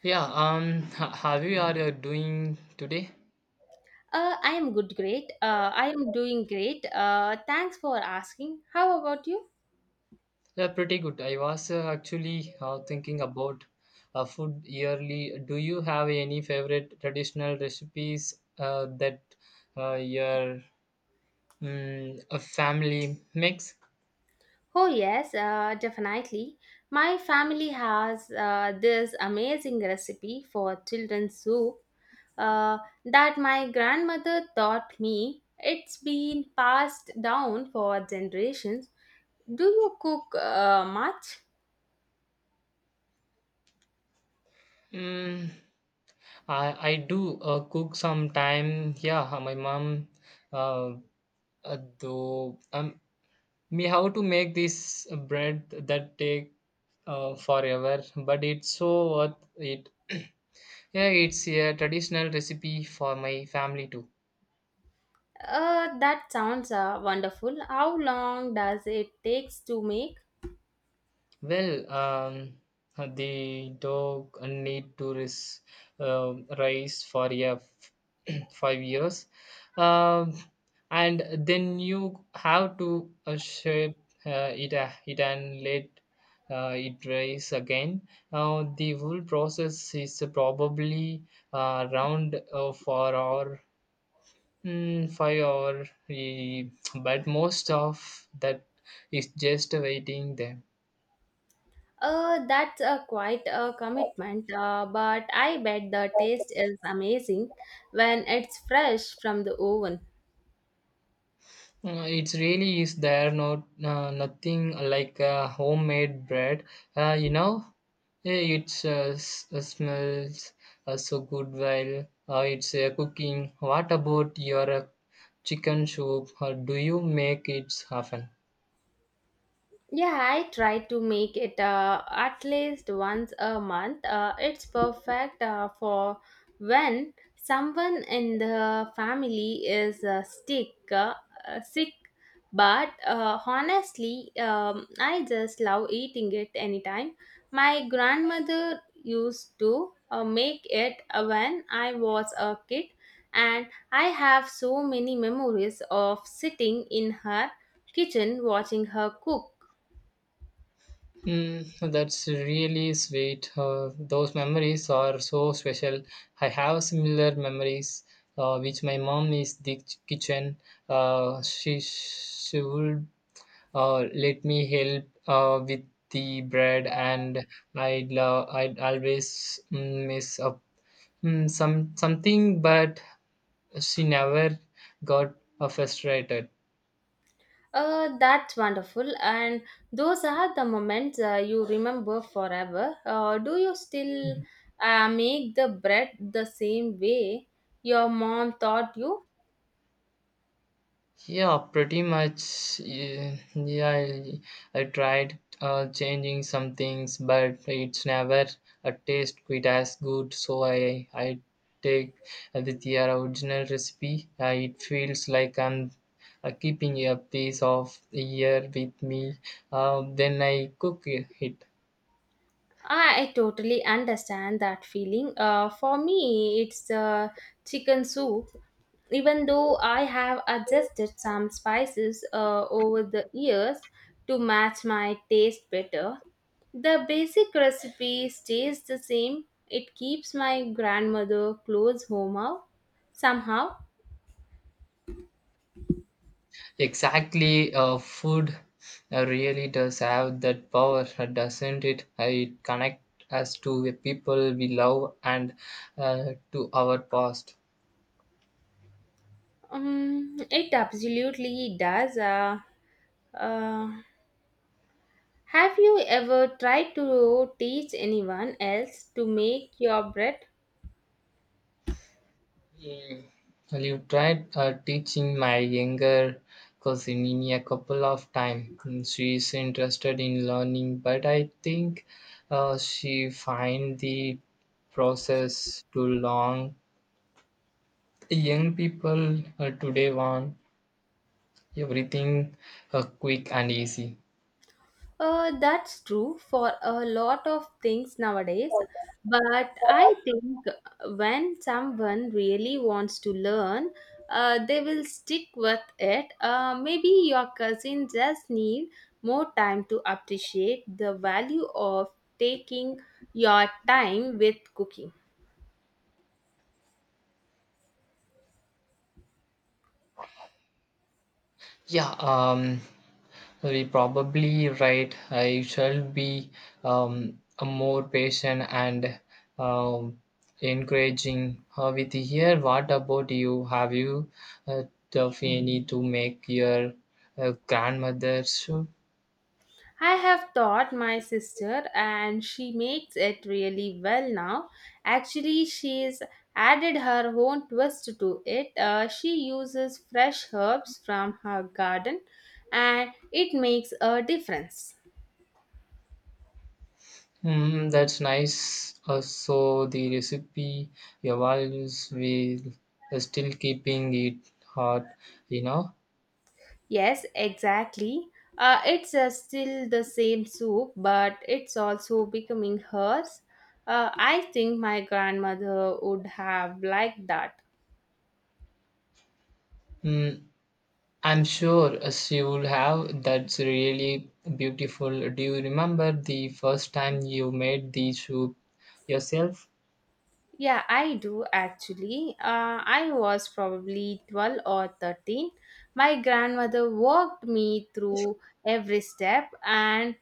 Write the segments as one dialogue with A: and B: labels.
A: Yeah, how you are doing today?
B: I am good, great. I am doing great. Thanks for asking. How about you?
A: Yeah, pretty good. I was actually thinking about food yearly. Do you have any favorite traditional recipes that your a family makes?
B: Oh, yes, definitely. My family has this amazing recipe for children's soup uh, that my grandmother taught me. It's been passed down for generations. Do you cook much?
A: Mm, I do cook sometime. Yeah, my mom, uh, uh, though, um, we have to make this bread that take forever, but it's so worth it. Yeah, it's a traditional recipe for my family too.
B: That sounds wonderful. How long does it takes to make?
A: Well, um, the dog need to rise for 5 years, um, and then you have to shape it and let it rise again. The whole process is probably around four or 5 hour, eh, but most of that is just waiting there.
B: That's a quite a commitment, but I bet the taste is amazing when it's fresh from the oven.
A: It really is there not nothing like homemade bread. Uh, you know, it's smells so good while it's cooking. What about your chicken soup? Or do you make it often?
B: Yeah, I try to make it at least once a month. It's perfect for when someone in the family is sick. But honestly, I just love eating it anytime. My grandmother used to make it when I was a kid, and I have so many memories of sitting in her kitchen watching her cook.
A: Mm, that's really sweet. Those memories are so special. I have similar memories which my mom is the kitchen. She would let me help with the bread, and I'd always mess up something, but she never got frustrated.
B: That's wonderful. And those are the moments you remember forever. Do you still make the bread the same way your mom taught you?
A: Yeah, pretty much. Yeah, I tried changing some things, but it's never a taste quite as good. So I take with the original recipe. It feels like I'm keeping a piece of the year with me. Then I cook it.
B: I totally understand that feeling. For me, it's chicken soup. Even though I have adjusted some spices over the years to match my taste better, the basic recipe stays the same. It keeps my grandmother close home out somehow.
A: Exactly, food really does have that power, doesn't it? It connects us to the people we love and to our past.
B: It absolutely does. Uh, have you ever tried to teach anyone else to make your bread?
A: Mm, Well, you tried teaching my younger cousin in a couple of times. She is interested in learning, but I think she find the process too long. Young people today want everything quick and easy.
B: That's true for a lot of things nowadays, but I think when someone really wants to learn, they will stick with it. Maybe your cousin just need more time to appreciate the value of taking your time with cooking.
A: Yeah, um, we probably right. I shall be a more patient and um, encouraging her with here. What about you? Have you uh, tough any to make your grandmother soup?
B: I have taught my sister and she makes it really well now. Actually, she's added her own twist to it. She uses fresh herbs from her garden and it makes a difference.
A: Mm, that's nice. So the recipe your values will still keeping it hot, you know.
B: Yes, exactly. It's still the same soup, but it's also becoming hers. I think my grandmother would have liked that.
A: Mm, I'm sure as you will have. That's really beautiful. Do you remember the first time you made the shoe yourself?
B: Yeah, I do actually. I was probably 12 or 13. My grandmother walked me through every step, and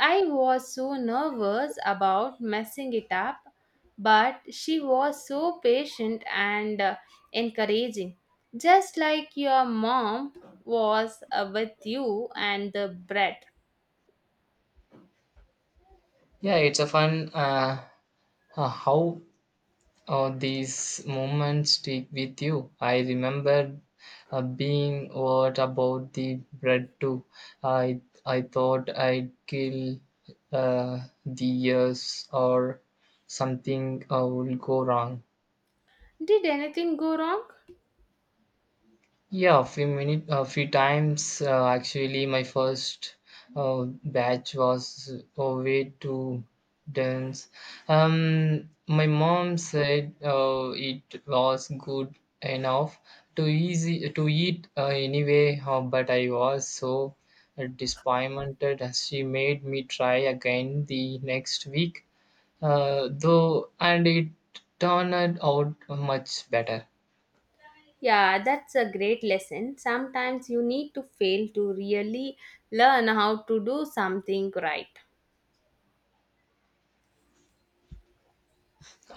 B: I was so nervous about messing it up. But she was so patient and encouraging, just like your mom was with you and the bread.
A: Yeah, it's a fun how these moments stick with you. I remember being what about the bread too. I I thought I'd kill the years or something will go wrong.
B: Did anything go wrong?
A: Yeah, a few times. Actually, my first batch was way too dense. My mom said it was good enough to easy to eat anyway, but I was so disappointed as she made me try again the next week. And it turned out much better.
B: Yeah, that's a great lesson. Sometimes you need to fail to really learn how to do something right.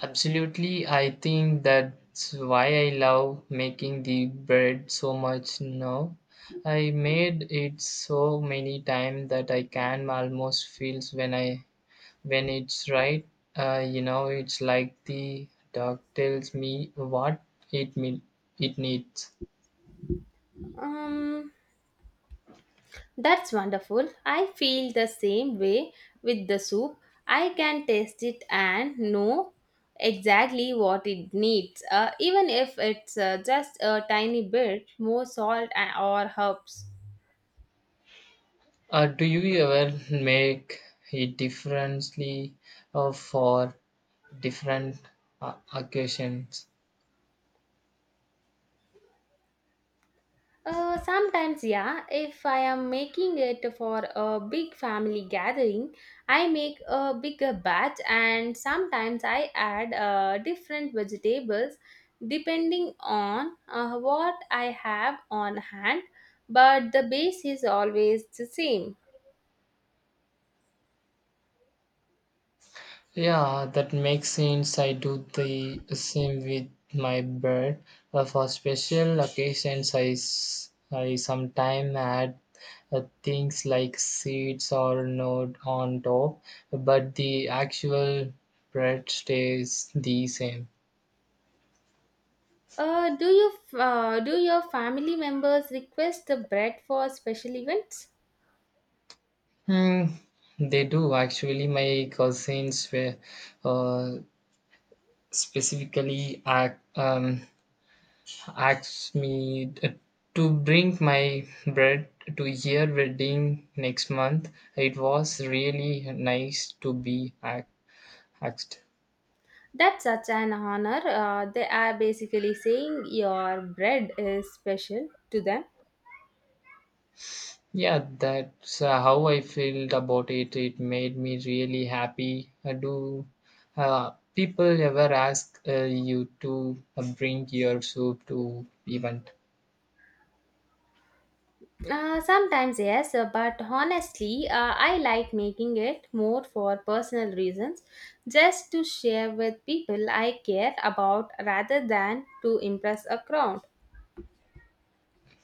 A: Absolutely, I think that's why I love making the bread so much now. I made it so many times that I can almost feel when it's right. You know, it's like the dog tells me what it mean, it needs.
B: Um, that's wonderful. I feel the same way with the soup. I can taste it and know exactly what it needs, even if it's just a tiny bit more salt and, or herbs.
A: Do you ever make it differently for different occasions?
B: Sometimes, yeah. If I am making it for a big family gathering, I make a bigger batch and sometimes I add different vegetables depending on what I have on hand, but the base is always the same.
A: Yeah, that makes sense. I do the same with my bird. For special occasions, I sometimes add things like seeds or node on top, but the actual bread stays the same.
B: Do your family members request the bread for special events?
A: Hmm, they do actually. My cousins were uh, specifically asks me to bring my bread to her wedding next month. It was really nice to be asked.
B: That's such an honor. They are basically saying your bread is special to them.
A: Yeah, that's how I felt about it. It made me really happy. Do people ever ask you to bring your soup to event?
B: Sometimes, yes, but honestly, I like making it more for personal reasons, just to share with people I care about rather than to impress a crowd.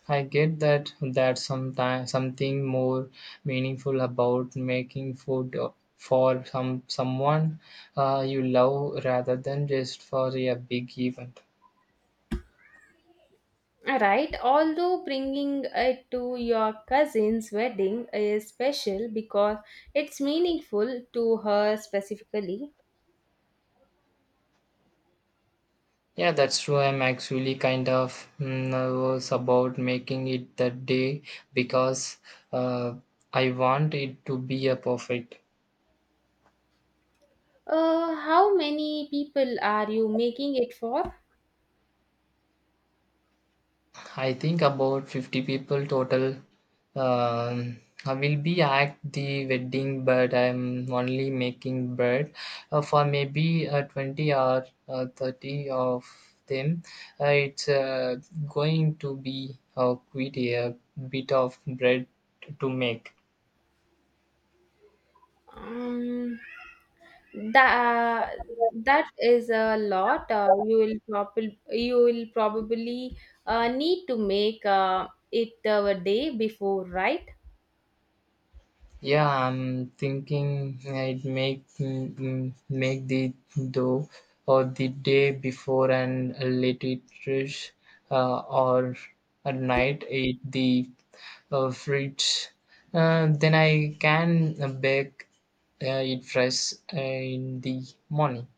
A: I get that something more meaningful about making food for someone you love rather than just for a big event.
B: Right, although bringing it to your cousin's wedding is special because it's meaningful to her specifically.
A: Yeah, that's true. I'm actually kind of nervous about making it that day because uh, I want it to be a perfect.
B: How many people are you making it for?
A: I think about 50 people total. Um, I will be at the wedding, but I'm only making bread for maybe 20 or 30 of them. It's going to be quite a bit of bread to make.
B: Um, that that is a lot. You will probably need to make it a day before, right?
A: Yeah, I'm thinking I'd make the dough or the day before and let it rest, or at night eat the fruits. Then I can bake it fresh in the morning.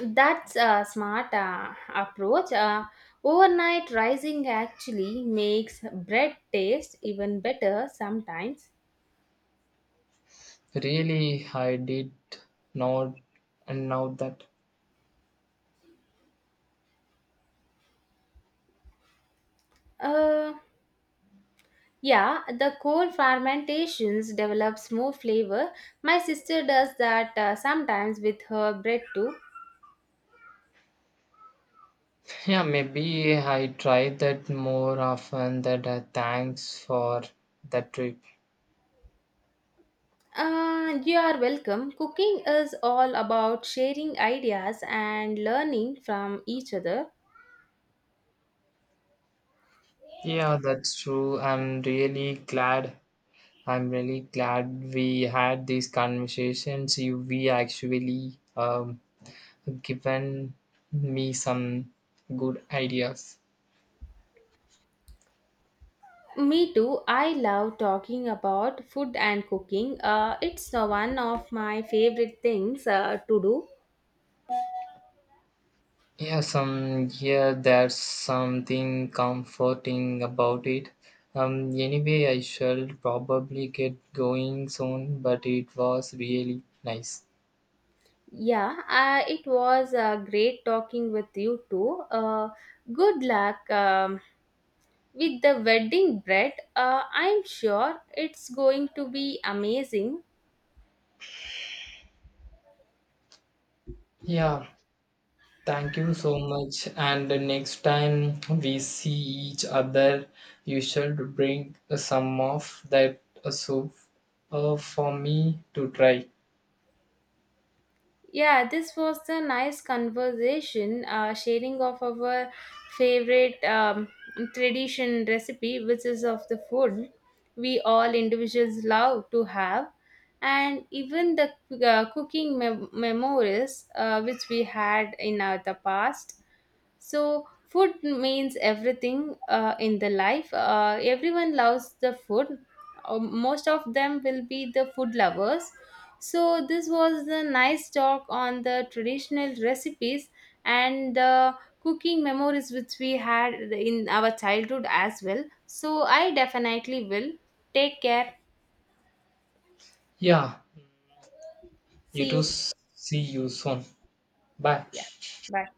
B: That's a smart approach. Overnight rising actually makes bread taste even better sometimes.
A: Really, I did not know that.
B: Uh, Yeah, the cold fermentations develops more flavor. My sister does that sometimes with her bread too.
A: Yeah, maybe I try that more often. That Thanks for that trip.
B: You are welcome. Cooking is all about sharing ideas and learning from each other.
A: Yeah, that's true. I'm really glad we had these conversations. We actually given me some good ideas.
B: Me too. I love talking about food and cooking. It's one of my favorite things to do.
A: Yeah, there's something comforting about it. Anyway, I shall probably get going soon, but it was really nice.
B: Yeah, it was great talking with you too. Good luck. With the wedding bread I'm sure it's going to be amazing.
A: Yeah, thank you so much. And the next time we see each other, you should bring some of that soup for me to try.
B: Yeah, this was a nice conversation, sharing of our favorite tradition recipe, which is of the food we all individuals love to have, and even the cooking memories which we had in our the past. So, food means everything in the life. Everyone loves the food. Most of them will be the food lovers. So, this was a nice talk on the traditional recipes and the cooking memories which we had in our childhood as well. So, I definitely will. Take care.
A: Yeah, you
B: See
A: too.
B: you.
A: See you soon. Bye.
B: Yeah. Bye.